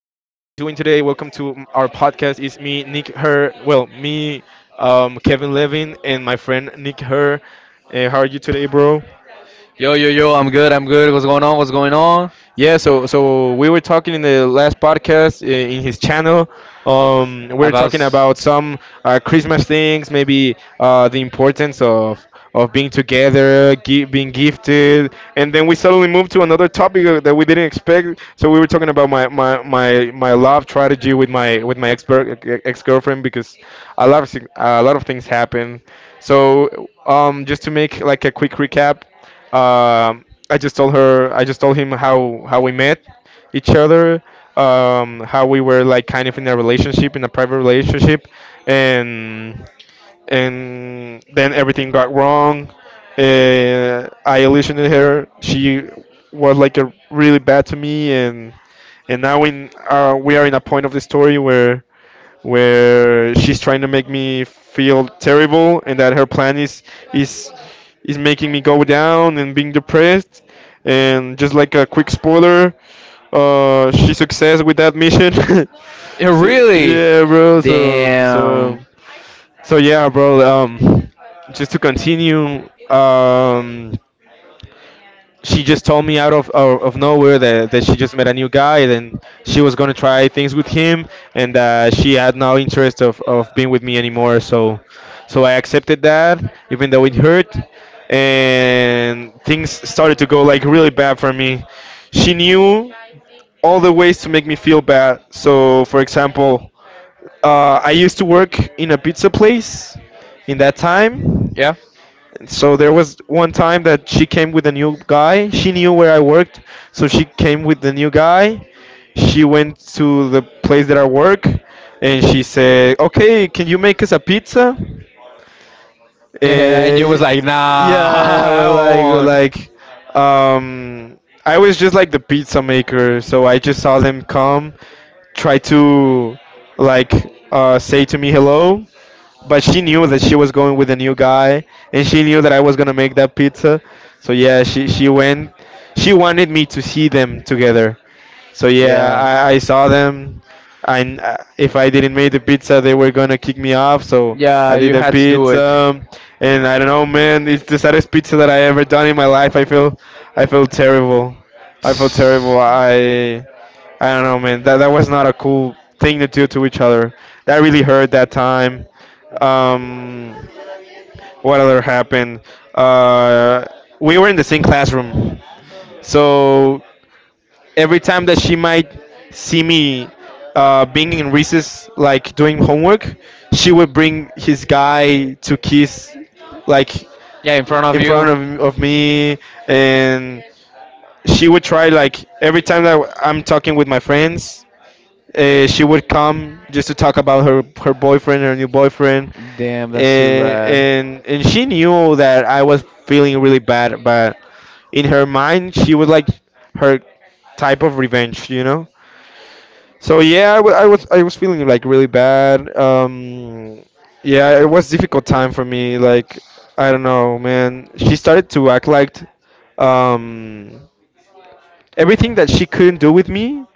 Welcome to our podcast. It's me, Nick Her. Well, me, Kevin Levin, and my friend Nick Her. How are you today, bro? Yo, yo, yo, I'm good, I'm good. What's going on? What's going on? Yeah. So we were talking in the last podcast in his channel. We are About. talking about some Christmas things, maybe the importance of being together, being gifted, and then we suddenly moved to another topic that we didn't expect. So we were talking about my love strategy with my ex ex girlfriend because a lot of a lot of things happen. So just to make like a quick recap, I just told her I just told him how we met each other. How we were like kind of in a relationship, in a private relationship, and and then everything got wrong. I illusioned her. She was like a really bad to me, and now in we are in a point of the story where she's trying to make me feel terrible, and that her plan is is making me go down and being depressed. And just like a quick spoiler, she success with that mission. Yeah, So- really? yeah, bro. So Damn. so so yeah, bro. Just to continue, she just told me out of nowhere that she just met a new guy and she was gonna try things with him and she had no interest of being with me anymore. So I accepted that even though it hurt, and things started to go like really bad for me. She knew all the ways to make me feel bad. So, for example, I used to work in a pizza place in that time. Yeah. So there was one time that she came with a new guy. She knew where I worked, so she came with the new guy. She went to the place that I work, and she said, "Okay, can you make us a pizza?" Yeah, and you Eh, was like, nah, yeah, I well, want one. Um, I was just like the pizza maker, so I just saw them come, try to, like, say to me hello, but she knew that she was going with a new guy and she knew that I was gonna make that pizza. So yeah, she went. She wanted me to see them together. So yeah, I saw them. If I didn't make the pizza, they were gonna kick me off. So Yeah, I did you the had to do. And pizza, and I don't know, man. It's the saddest pizza that I ever done in my life. I feel terrible. I feel terrible. I don't know, man. That was not a cool thing to do to each other. That really hurt that time. Um, what other happened? Uh, we were in the same classroom, so every time that she might see me being in recess, like doing homework, she would bring his guy to kiss, like yeah, in front of in front you. of me and she would try like every time that I'm talking with my friends she would come just to talk about her boyfriend, her new boyfriend, Damn, uh, that's too bad. and and she knew that I was feeling really bad, but in her mind she was like her type of revenge, you know. So yeah, I was feeling like really bad. Yeah, it was difficult time for me. Like I don't know, man. She started to act like um, everything that she couldn't do with me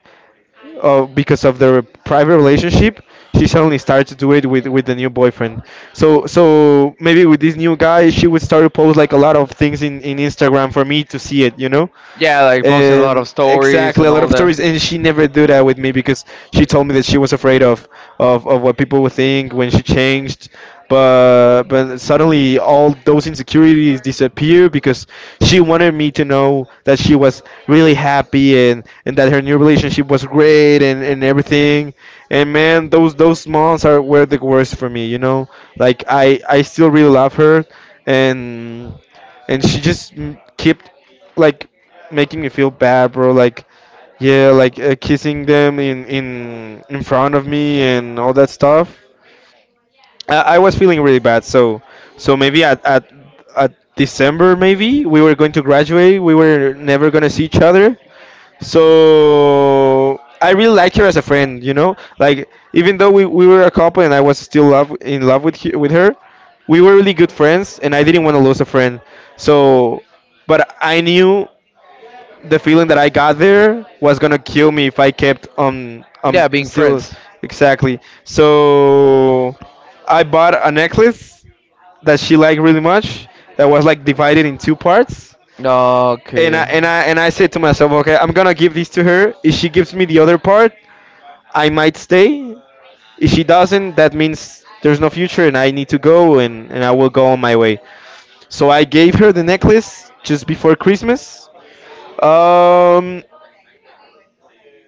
because of their private relationship, she suddenly started to do it with the new boyfriend. So maybe with this new guy, she would start to post like a lot of things in Instagram for me to see it. You know. Yeah, like posting a lot of stories Exactly, a and lot all of that. stories, and she never do that with me because she told me that she was afraid of what people would think when she changed, but suddenly all those insecurities disappear because she wanted me to know that she was really happy and that her new relationship was great and everything and man those months are were the worst for me, you know, like I still really love her and and she just kept like making me feel bad, bro. Like yeah, like kissing them in in front of me and all that stuff. I was feeling really bad. So maybe at December maybe we were going to graduate. We were never gonna see each other. So I really liked her as a friend. You know, like even though we were a couple and I was still love in love with with her, we were really good friends, and I didn't want to lose a friend. So, but I knew the feeling that I got there was gonna kill me if I kept Yeah, being still friends. exactly. So I bought a necklace that she liked really much that was like divided in two parts. And I Okay. and I and I said to myself, okay, I'm gonna give this to her. If she gives me the other part, I might stay. If she doesn't, that means there's no future and I need to go and I will go on my way. So I gave her the necklace just before Christmas. Um,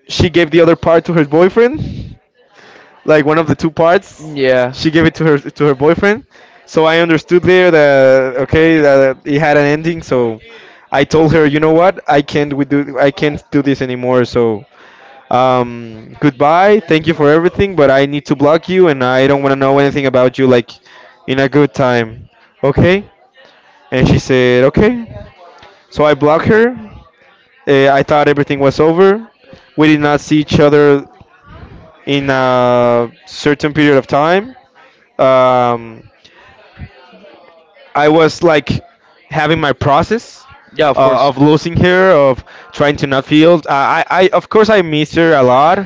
she gave the other part to her boyfriend, like one of the two parts. Yeah. She gave it to her boyfriend. So I understood there that okay that it had an ending. So I told her, you know what, I can't do this anymore. So goodbye. Thank you for everything, but I need to block you, and I don't want to know anything about you. Like in a good time, okay? Okay. And she said okay. So I blocked her. I thought everything was over. We did not see each other in a certain period of time, um, I was like having my process of losing her of trying to not feel I of course I miss her a lot.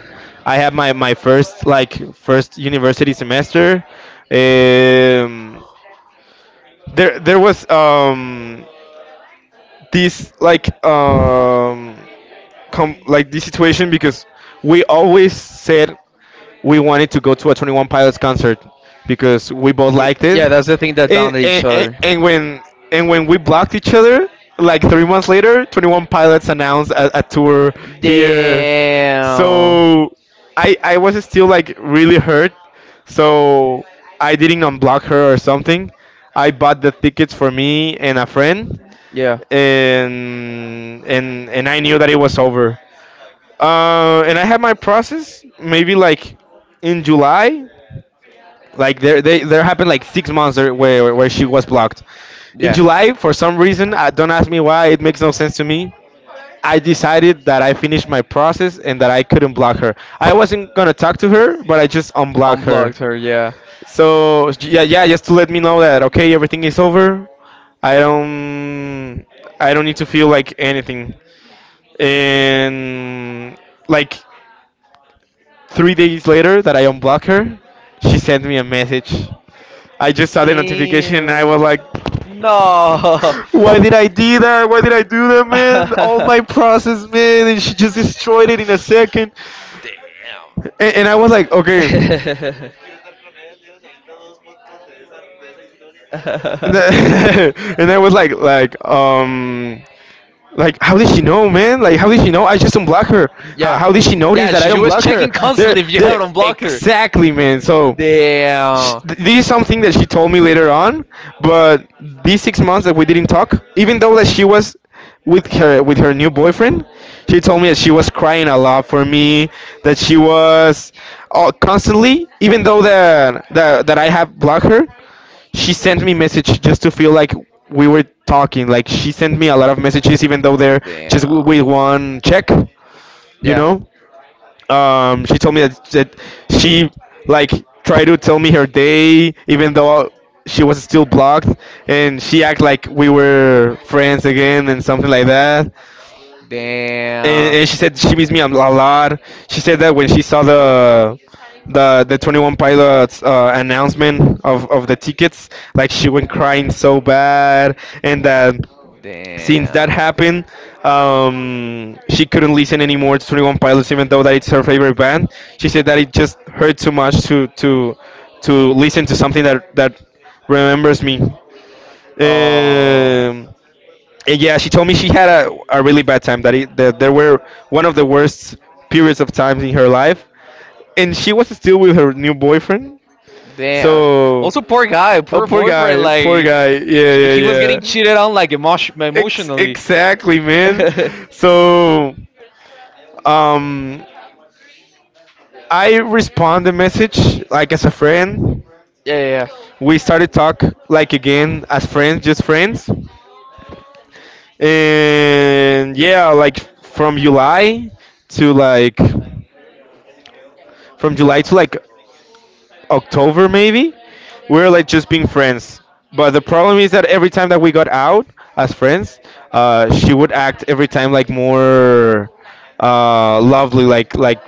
I had my first like first university semester. Um, there there was this like like this situation because we always said we wanted to go to a 21 pilots concert because we both Ye- liked it yeah, that's the thing that and, bounded each and, and other. and when and when we blocked each other like 3 months later, 21 pilots announced a tour here. Damn. So I was still like really hurt, so I didn't unblock her or something. I bought the tickets for me and a friend Yeah, and I knew that it was over. And I had my process maybe like in july, like there happened like 6 months there where she was blocked. In yeah. July, for some reason, I don't ask me why, it makes no sense to me. I decided that I finished my process and that I couldn't block her. I wasn't gonna talk to her, but I just unblocked her. Unblocked her, yeah. So yeah, just to let me know that okay, everything is over. I don't, I don't need to feel like anything. And like 3 days later, that I unblocked her, she sent me a message. I just saw the notification and I was Damn. like, No. What why did I did I? do that? Why did I do that, man? All my process, man, and she just destroyed it in a second. And I was like, okay, and I was like, like, how did she know, man? Like, how did she know? I just unblocked her. How, Yeah. how did she notice Yeah, that I she was unblocked her? checking constantly if you have it on blocker. Exactly, man. So, Damn. This is something that she told me later on. But these 6 months that we didn't talk, even though that she was with her new boyfriend, she told me that she was crying a lot for me. That she was constantly, even though that I have blocked her, she sent me message just to feel like we were talking. Like she sent me a lot of messages, even though they're just Damn. with one check. You know, she told me that she like tried to tell me her day, even though she was still blocked, and she act like we were friends again and something like that and, Damn. and she said she missed me a lot. She said that when she saw the 21 Pilots announcement of the tickets, like she went crying so bad, and that since that Damn. happened, she couldn't listen anymore to 21 Pilots, even though that it's her favorite band. She said that it just hurt too much to to listen to something that remembers me. Oh, Um, and yeah, she told me she had a really bad time that, it, that there were one of the worst periods of times in her life, and she was still with her new boyfriend. damn. So, Also, poor guy, oh poor poor boyfriend. guy, Like, poor guy. Yeah, he yeah, he was getting yeah. cheated on, like, Ex- emotionally. exactly, man. Yeah, So, um, I respond the message like as a friend. yeah, We started talk like again as friends, just friends. And yeah, like from July to like from July to like October maybe, we were like just being friends. But the problem is that every time that we got out as friends, she would act every time like more lovely, yeah. Like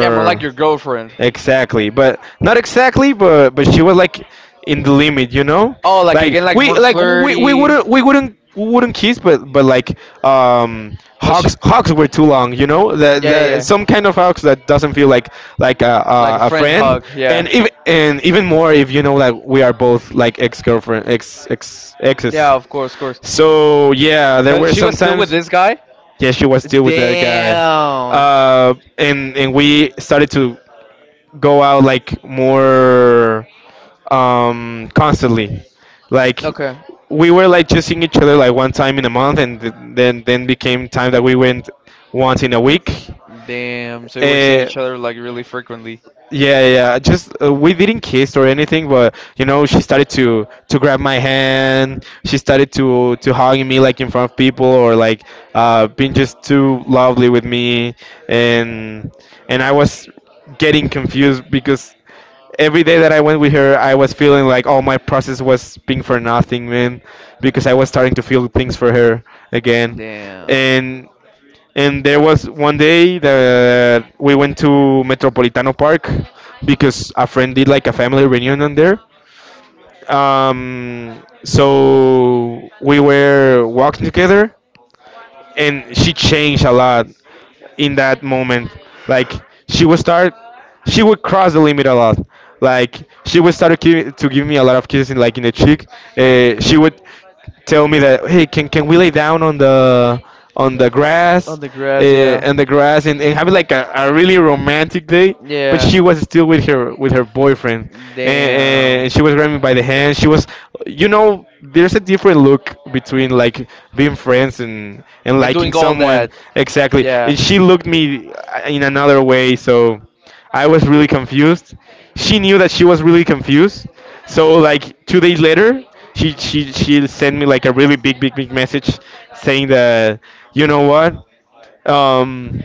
Yeah, more like your girlfriend. Exactly, but not exactly, but she was like in the limit, you know, Oh, like like again, like we more like we flirty. wouldn't we wouldn't kiss, but like Well, she. hugs were too long, you know, Yeah, yeah, the yeah. some kind of hugs that doesn't feel like Like a a friend friend, hug. Yeah. And even more if you know that we are both like ex girlfriend ex ex exes, Yeah, of course, of course. so yeah, there But were she was still with sometimes this guy? yeah, she was still with that guy. Damn. Uh, and and we started to go out like more constantly like Okay. we were like just seeing each other like one time in a month and th- then became time that we went once in a week Damn. So you uh, each other like really frequently. yeah, yeah. Yeah. Just we didn't kiss or anything, but you know, she started to grab my hand. She started to hugging me like in front of people or like being just too lovely with me and and I was getting confused because every day that I went with her, I was feeling like all my process was being for nothing, man, because I was starting to feel things for her again. Damn. And and there was one day that we went to Metropolitano Park because a friend did like a family reunion on there. So we were walking together, and she changed a lot in that moment. Like she would start, she would cross the limit a lot. Like she would start to give me a lot of kisses, in, like in the cheek. She would tell me that hey can we lay down on the grass The grass, yeah. and the grass and have like a really romantic day but she was still with her boyfriend and, Damn. and She she was was grabbing me by the hand she was you know there's a different look between like being friends and liking all someone that. exactly and she looked me in another way so I was really confused. She knew that she was really confused. So like 2 days later, she sent me like a really big message saying that you know what, um,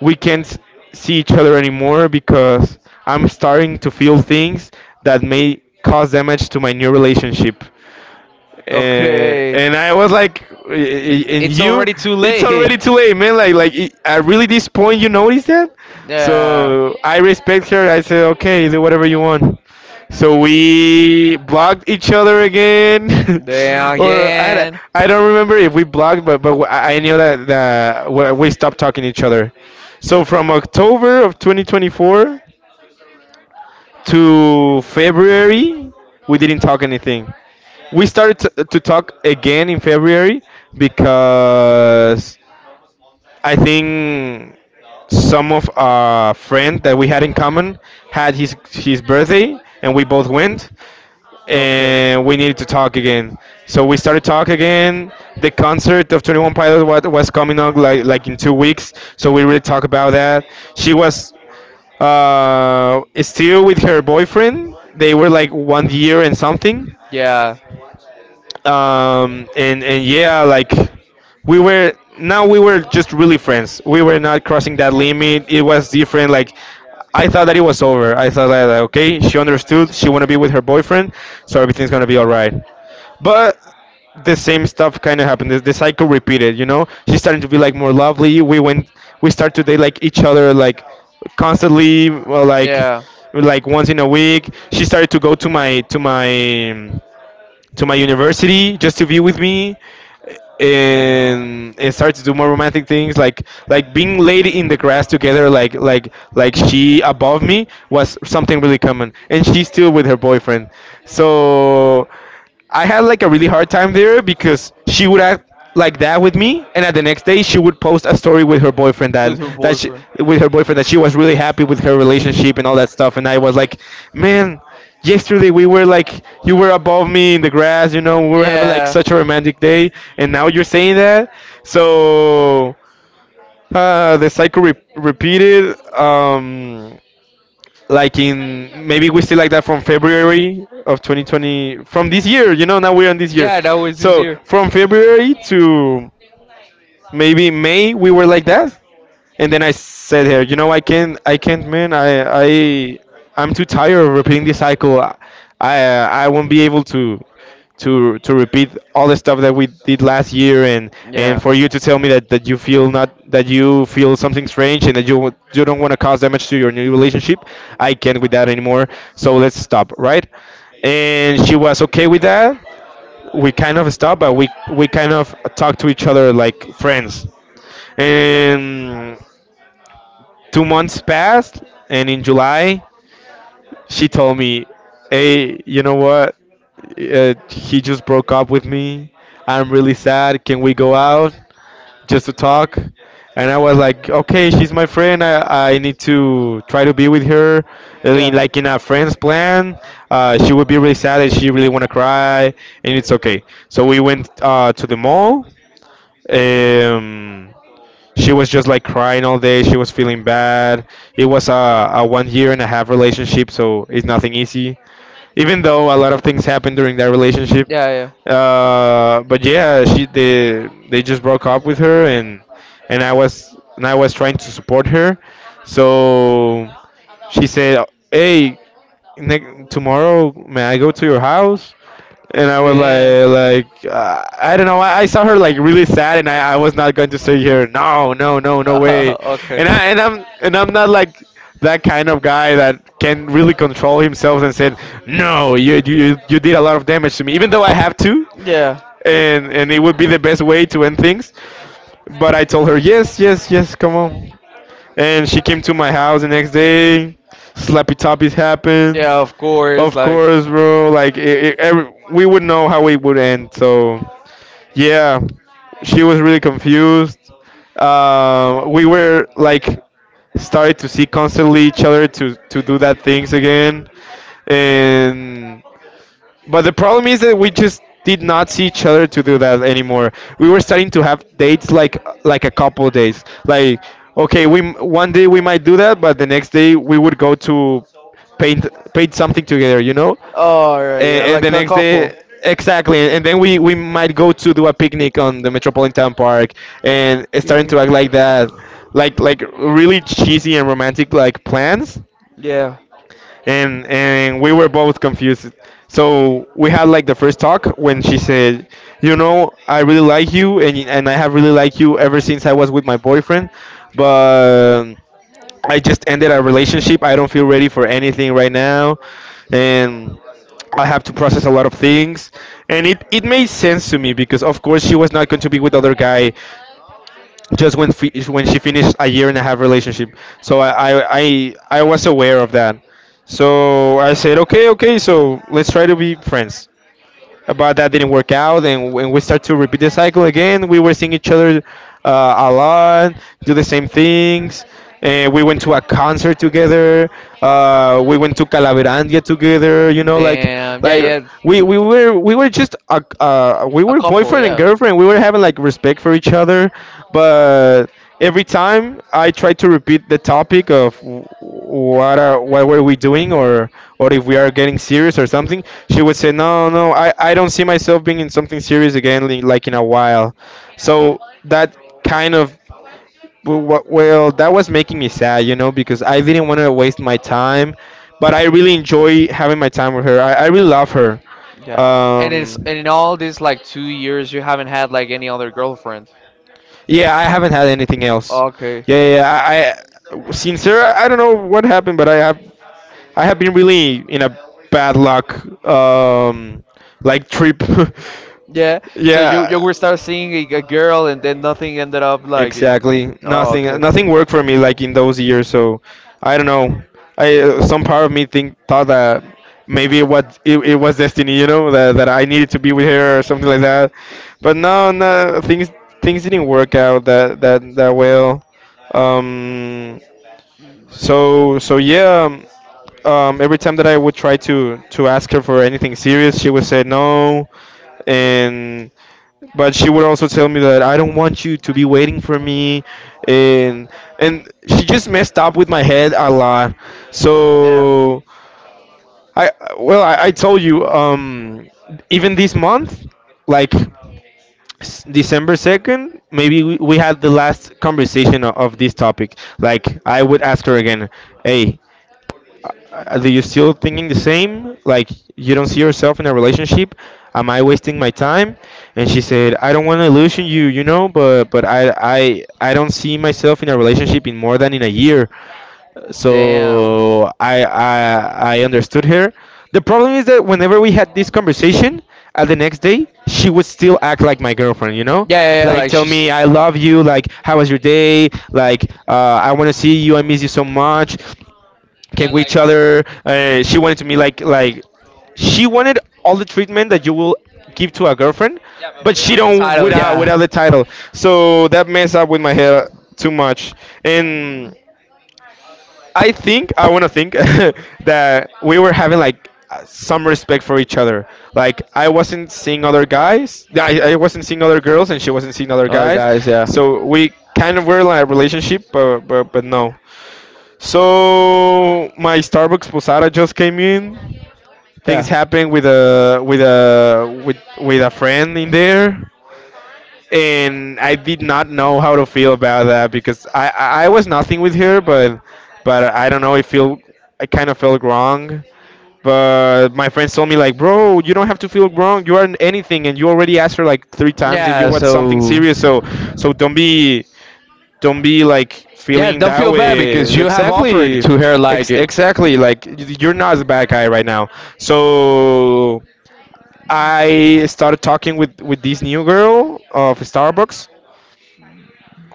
we can't see each other anymore because I'm starting to feel things that may cause damage to my new relationship and Okay. and I was like, I- and It's you, already too it's already it's. too late, man. Like it- at really this point, you notice that." Yeah. So I respect her. I said, okay, do whatever you want. So we blocked each other again. Damn Or I, d- again. I don't remember if we blocked, but I knew that that we stopped talking to each other. So from October of 2024 to February, we didn't talk anything we started to talk again in February because I think some of our friend that we had in common had his birthday and we both went and we needed to talk again. So we started talk again. The concert of 21 Pilots was coming up like in 2 weeks, so we really talk about that. She was still with her boyfriend. They were like 1 year and something Yeah. and and yeah, like we were now we were just really friends. We were not crossing that limit. It was different. Like I thought that it was over. I thought that like, okay, she understood. She want to be with her boyfriend, so everything's gonna be all right. But the same stuff kind of happened. The cycle repeated. You know, she started to be like more lovely. We went. We start to date like each other like constantly, well, Yeah. like once in a week. She started to go to my to my to my university just to be with me and start to do more romantic things like being laid in the grass together like she above me was something really common and she's still with her boyfriend so I had like a really hard time there because she would act like that with me, and at the next day she would post a story with her boyfriend With that her that she, boyfriend. with her boyfriend that she was really happy with her relationship and all that stuff, and I was like, man. Yesterday we were like you were above me in the grass, you know, we were having like Yeah. such a romantic day, and now you're saying that. So the cycle re- repeated. Like in maybe we still like that from February of 2020 from this year you know now we're on this year Yeah, that was this so year. from February to maybe May we were like that. And then I said here, you know, I can't, man. I'm too tired of repeating this cycle. I won't be able to, to repeat all the stuff that we did last year. And for you to tell me that, that you feel not, that you feel something strange and that Yeah. you, w- you don't want to cause damage to your new relationship, I can't with that anymore. So let's stop, right? And she was okay with that. We kind of stopped, but we kind of talked to each other like friends and 2 months passed, and in July, she told me, Hey, you know what? He just broke up with me. I'm really sad. Can we go out just to talk? And I was like, okay, she's my friend. I need to try to be with her. I mean, like in a friend's plan, she would be really sad and she really want to cry, and it's okay. So we went to the mall. Um, She was just like crying all day. She was feeling bad. It was a 1 year and a half relationship, so it's nothing easy. Even though a lot of things happened during that relationship, Yeah, but yeah, she they just broke up with her, and and I was trying to support her. So she said, "Hey, ne- tomorrow may I go to your house?" And I was and like I don't know. I saw her like really sad, and I was not going to say here, no, no, no, no way. no. Okay. And I and I'm not like that kind of guy that can really control himself and said, no, you you did a lot of damage to me, even though I have to, Yeah. and it would be the best way to end things. But I told her, yes, yes, yes, come on. And she came to my house the next day. Slappy toppies happened. Of course. Of course, bro. Like it, every, we would know how it would end. So yeah, she was really confused. We were like started to see constantly each other to do that things again, and but the problem is that we just did not see each other to do that anymore. We were starting to have dates like a couple days. Like okay, we m- one day we might do that, but the next day we would go to paint something together. You know Oh right, yeah, and like the a next day exactly and then we might go to do a picnic on the metropolitan park and it's starting damn. to act like that like really cheesy and romantic like plans Yeah. And we were both confused so we had like the first talk when she said you know I really like you and I have really liked you ever since I was with my boyfriend but I just ended a relationship. I don't feel ready for anything right now, and I have to process a lot of things. And it made sense to me because of course she was not going to be with other guy just when fi- when she finished a year and a half relationship. So I was aware of that. So I said, okay, okay, so let's try to be friends, but that didn't work out. And when we start to repeat the cycle again, we were seeing each other a lot, do the same things. And we went to a concert together. We went to Calaverandia together. Like Damn. Yeah, like yeah. we were just we A were couple, boyfriend and yeah. girlfriend. We were having like respect for each other, but every time I try to repeat the topic of what were we doing, or if we are getting serious or something, she would say no, no, I don't see myself being in something serious again, like in a while. So that kind of— well, that was making me sad because I didn't want to waste my time, but I really enjoy having my time with her. I really love her. Yeah. And it's Um, and in all these like two years you haven't had like any other girlfriend. yeah, I haven't had anything else. Okay. Yeah, yeah, yeah, I since— I don't know what happened, but I have been really in a bad luck um like trip. Yeah. So you Yeah. were start seeing a girl and then nothing ended up like it. Exactly. Oh, Nothing. okay. Nothing worked for me like in those years. So I don't know. I Some part of me think thought that maybe it was— it was destiny. You know that I needed to be with her or something like that. But no, no, things didn't work out that well. Um. So yeah. Every time that I would try to ask her for anything serious, she would say no, and— but she would also tell me that I don't want you to be waiting for me, and and she just messed up with my head a lot. Yeah. So I well, I told you, even this month, like December 2 maybe, we had the last conversation of this topic. Like I would ask her again, hey, do you still thinking the same? Like, you don't see yourself in a relationship? Am I wasting my time? And she said, I don't want to illusion you, but I don't see myself in a relationship in more than in a year. Damn. So I understood her. The problem is that whenever we had this conversation, at the next day she would still act like my girlfriend, Yeah, yeah, yeah. like Like tell she's. me I love you, like how was your day, like I want to see you, I miss you so much, came with each other. She wanted to me, like she wanted all the treatment that you will give to a girlfriend, but she Without the don't— title, yeah. without the title. So that messed up with my head too much. And I think— I want to think that we were having like some respect for each other. Like, I wasn't seeing other guys, I wasn't seeing other girls, and she wasn't seeing other guys. Yeah. So we kind of were like a relationship, but— no. So my Starbucks posada just came in. Things Yeah. happened with a friend in there, and I did not know how to feel about that because I was nothing with her, but— I don't know. It feel I kind of felt wrong. But my friends told me like, bro, you don't have to feel wrong. You aren't anything, and you already asked her like three times if you Yeah, want something so serious. So don't be— like yeah, feeling don't that feel bad way, because you have offered exactly. to her like Exactly, like you're not the bad guy right now. So I started talking with this new girl of Starbucks.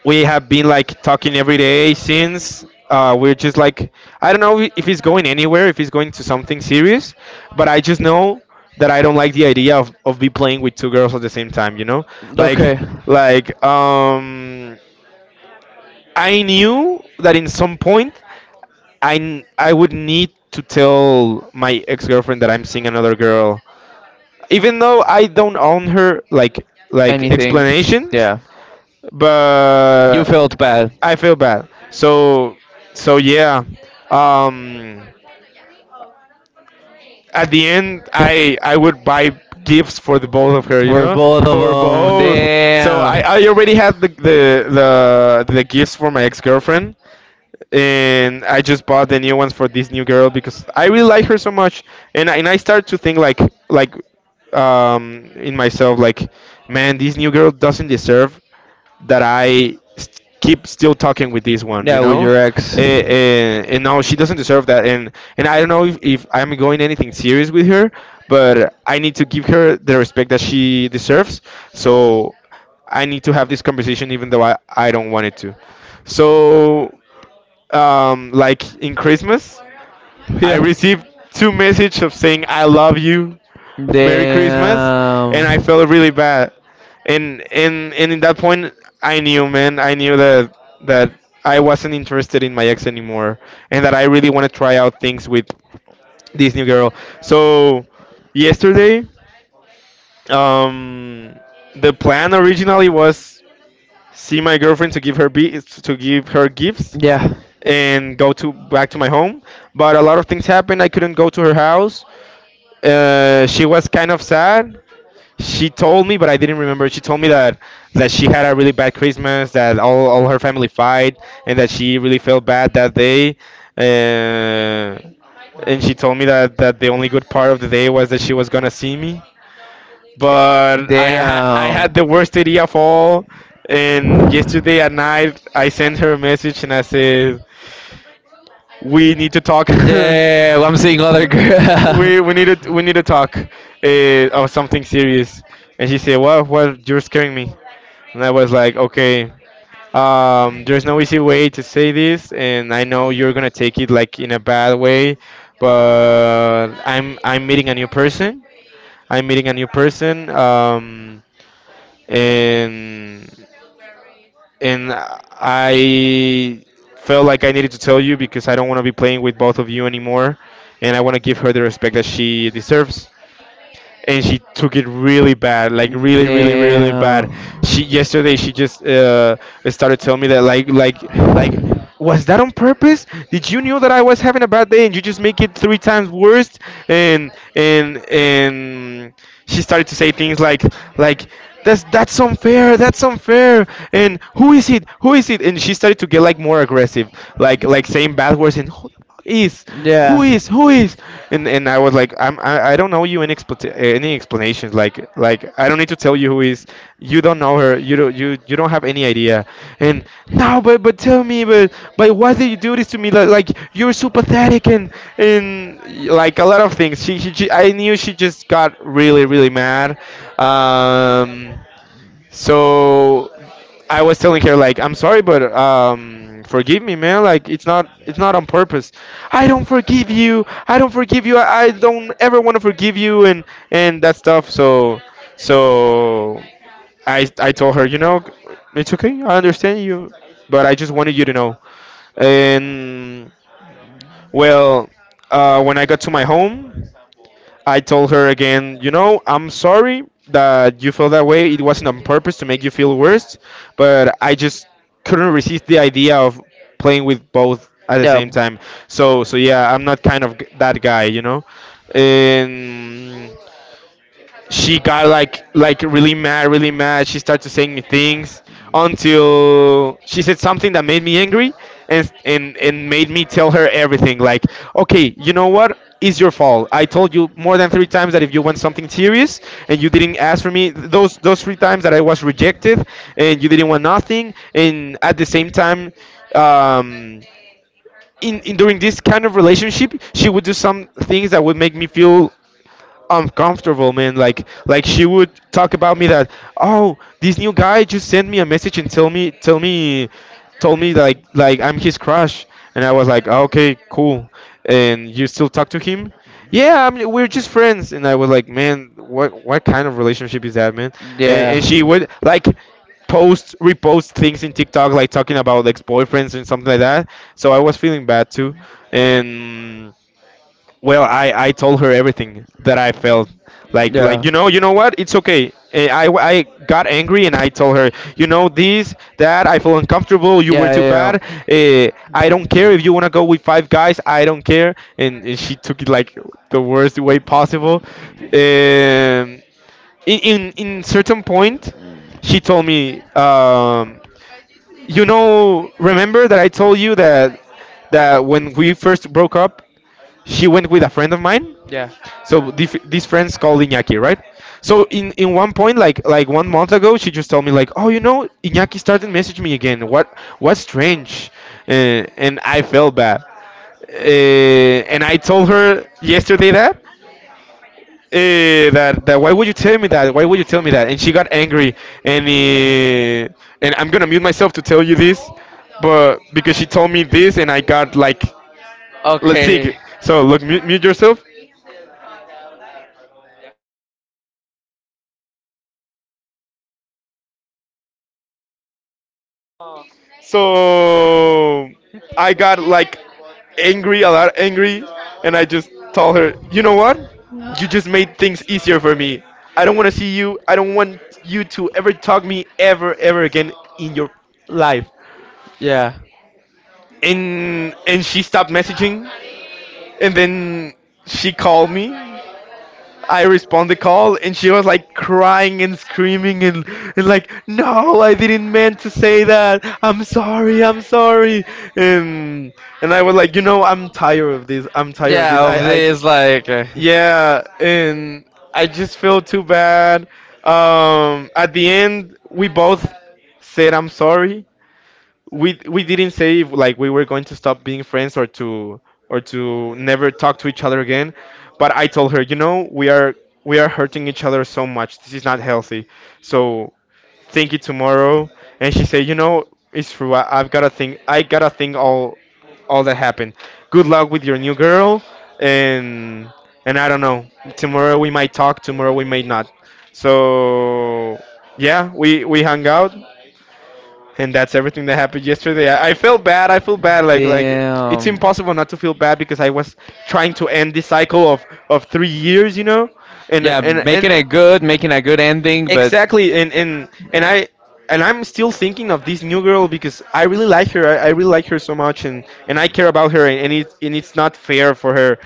We have been like talking every day since, we're just like— I don't know if he's going anywhere, if he's going to something serious, but I just know that I don't like the idea of be playing with two girls at the same time, like okay, like I knew that in some point I would need to tell my ex-girlfriend that I'm seeing another girl, even though I don't own her like anything. explanations, Yeah. You but felt bad. I feel bad. So yeah, um, at the end I would buy gifts for the both of her, For both of for them. both. So Damn. I already had the— the gifts for my ex-girlfriend, and I just bought the new ones for this new girl because I really like her so much, and— I started to think, like, like in myself like, man, this new girl doesn't deserve that I keep still talking with this one, Yeah, with your ex. and no, she doesn't deserve that. And I don't know if I'm going anything serious with her, but I need to give her the respect that she deserves. So I need to have this conversation even though I don't want it to. So like in Christmas, I Yeah. received two messages of saying I love you, Merry Christmas, and I Damn. felt really bad. And in that point, I knew, man, I knew that I wasn't interested in my ex anymore, and that I really want to try out things with this new girl. So yesterday, um, the plan originally was see my girlfriend to give her— to give her gifts Yeah. and go to back to my home. But a lot of things happened. I couldn't go to her house. She was kind of sad. She told me, but I didn't remember. She told me that she had a really bad Christmas, that all her family fight, and that she really felt bad that day. Uh, and she told me that the only good part of the day was that she was gonna see me, but I Damn. had the worst idea of all. And yesterday at night, I sent her a message and I said, "We need to talk. Damn, I'm seeing other girl. We need to talk, of something serious." And she said, "What? What? You're scaring me." And I was like, "Okay. There's no easy way to say this, and I know you're gonna take it like in a bad way, but I'm meeting a new person. I'm meeting a new person. And I felt like I needed to tell you because I don't want to be playing with both of you anymore, and I want to give her the respect that she deserves." And she took it really bad, like really, really, really bad. Damn. She Yesterday she just started telling me that, like, like, was that on purpose? Did you know that I was having a bad day and you just make it three times worse? And she started to say things like, like that's— unfair. That's unfair. And who is it? Who is it? And she started to get like more aggressive, like, saying bad words, and is who Yeah. is? Who is? And I was like, I don't know you any— any explanations, like, I don't need to tell you who is. You don't know her. You don't have any idea. And no, but— tell me, but— why did you do this to me? Like, you're so pathetic. And— and like a lot of things, she— I knew she just got really, really mad, um so I was telling her like, I'm sorry, but forgive me, man. Like, it's not on purpose. I don't forgive you. I don't forgive you. I don't ever want to forgive you and— that stuff. So so I told her, you know, it's okay. I understand you, but I just wanted you to know. And well, when I got to my home, I told her again, I'm sorry that you felt that way. It wasn't on purpose to make you feel worse, but I just couldn't resist the idea of playing with both at the same time. So, yeah, I'm not kind of— that guy, you know. And she got like, really mad, really mad. She started saying me things until she said something that made me angry, and and made me tell her everything. Like, okay, you know what? It's your fault. I told you more than three times that if you want something serious, and you didn't ask for me, those three times that I was rejected and you didn't want nothing. And at the same time, um, in during this kind of relationship, she would do some things that would make me feel uncomfortable, man. Like she would talk about me that, oh, this new guy just sent me a message and tell me told me like I'm his crush, and I was like, okay, cool, and you still talk to him? Yeah, we're just friends. And I was like, man, what kind of relationship is that, man? What? And Yeah, and she would like post, repost things in TikTok, like talking about ex boyfriends and something like that. So I was feeling bad too, and. Well, I told her everything that I felt. Like you know, you know what, it's okay. I got angry and I told her, you know this, that I feel uncomfortable. that. You were too Yeah. bad. I don't care if you wanna go with five guys. I don't care. And she took it like the worst way possible. Um, in certain point, she told me, you know, remember that I told you that when we first broke up, she went with a friend of mine, Yeah. so these friends called Iñaki, right? So in one point, like 1 month ago, she just told me like, oh, you know, Iñaki started messaging me again. What's strange? And I felt bad. And I told her yesterday that that why would you tell me that? Why would you tell me that? And she got angry. And and I'm gonna mute myself to tell you this, but because she told me this, and I got like, let's see. Okay. So look, mute yourself. So I got like angry, a lot angry, and I just told her, you know what? You just made things easier for me. I don't want to see you. I don't want you to ever talk me ever, ever again in your life. Yeah. And she stopped messaging, and then she called me. I respond the call and she was like crying and screaming, and like, no, I didn't meant to say that, I'm sorry, I'm sorry. And and I was like, you know, I'm tired of this, I'm tired of this Yeah, of I this, like. Yeah. And I just feel too bad. At the end we both said I'm sorry. We didn't say if, like, we were going to stop uh, being friends, or to never talk to each other again. But I told her, you know, we are hurting each other so much, this is not healthy. So think it tomorrow. And she said, you know, it's true. I, i've gotta think have i gotta think all that happened. Good luck with your new girl. And I don't know, tomorrow we might talk, tomorrow we may not. So yeah, we hung out, and that's everything that happened yesterday. I feel bad. I feel bad. Like it's damn. impossible not to feel bad because I was trying to end this cycle of 3 years, you know, and Yeah, and and making it good, making a good ending, but exactly, and and I and I'm still thinking of this new girl because I really like her. I really like her so much, and I care about her, and it's not fair for her,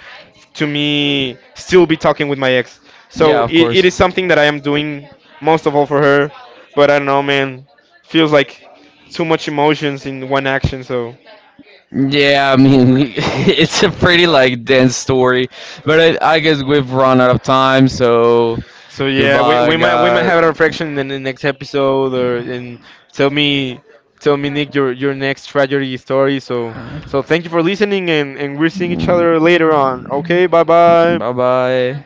to me still be talking with my ex. So yeah, of it course. is something that I am doing most of all for her. But I don't know, man, feels like too much emotions in one action. So Yeah, I mean, it's a pretty like dense story, but I guess we've run out of time, so so yeah, we, goodbye, we might we might guys. have a reflection in the next episode, or and tell me tell me, Nick, your next tragedy story. So so thank you for listening, and we're seeing each other later on. Okay, bye bye. Bye bye.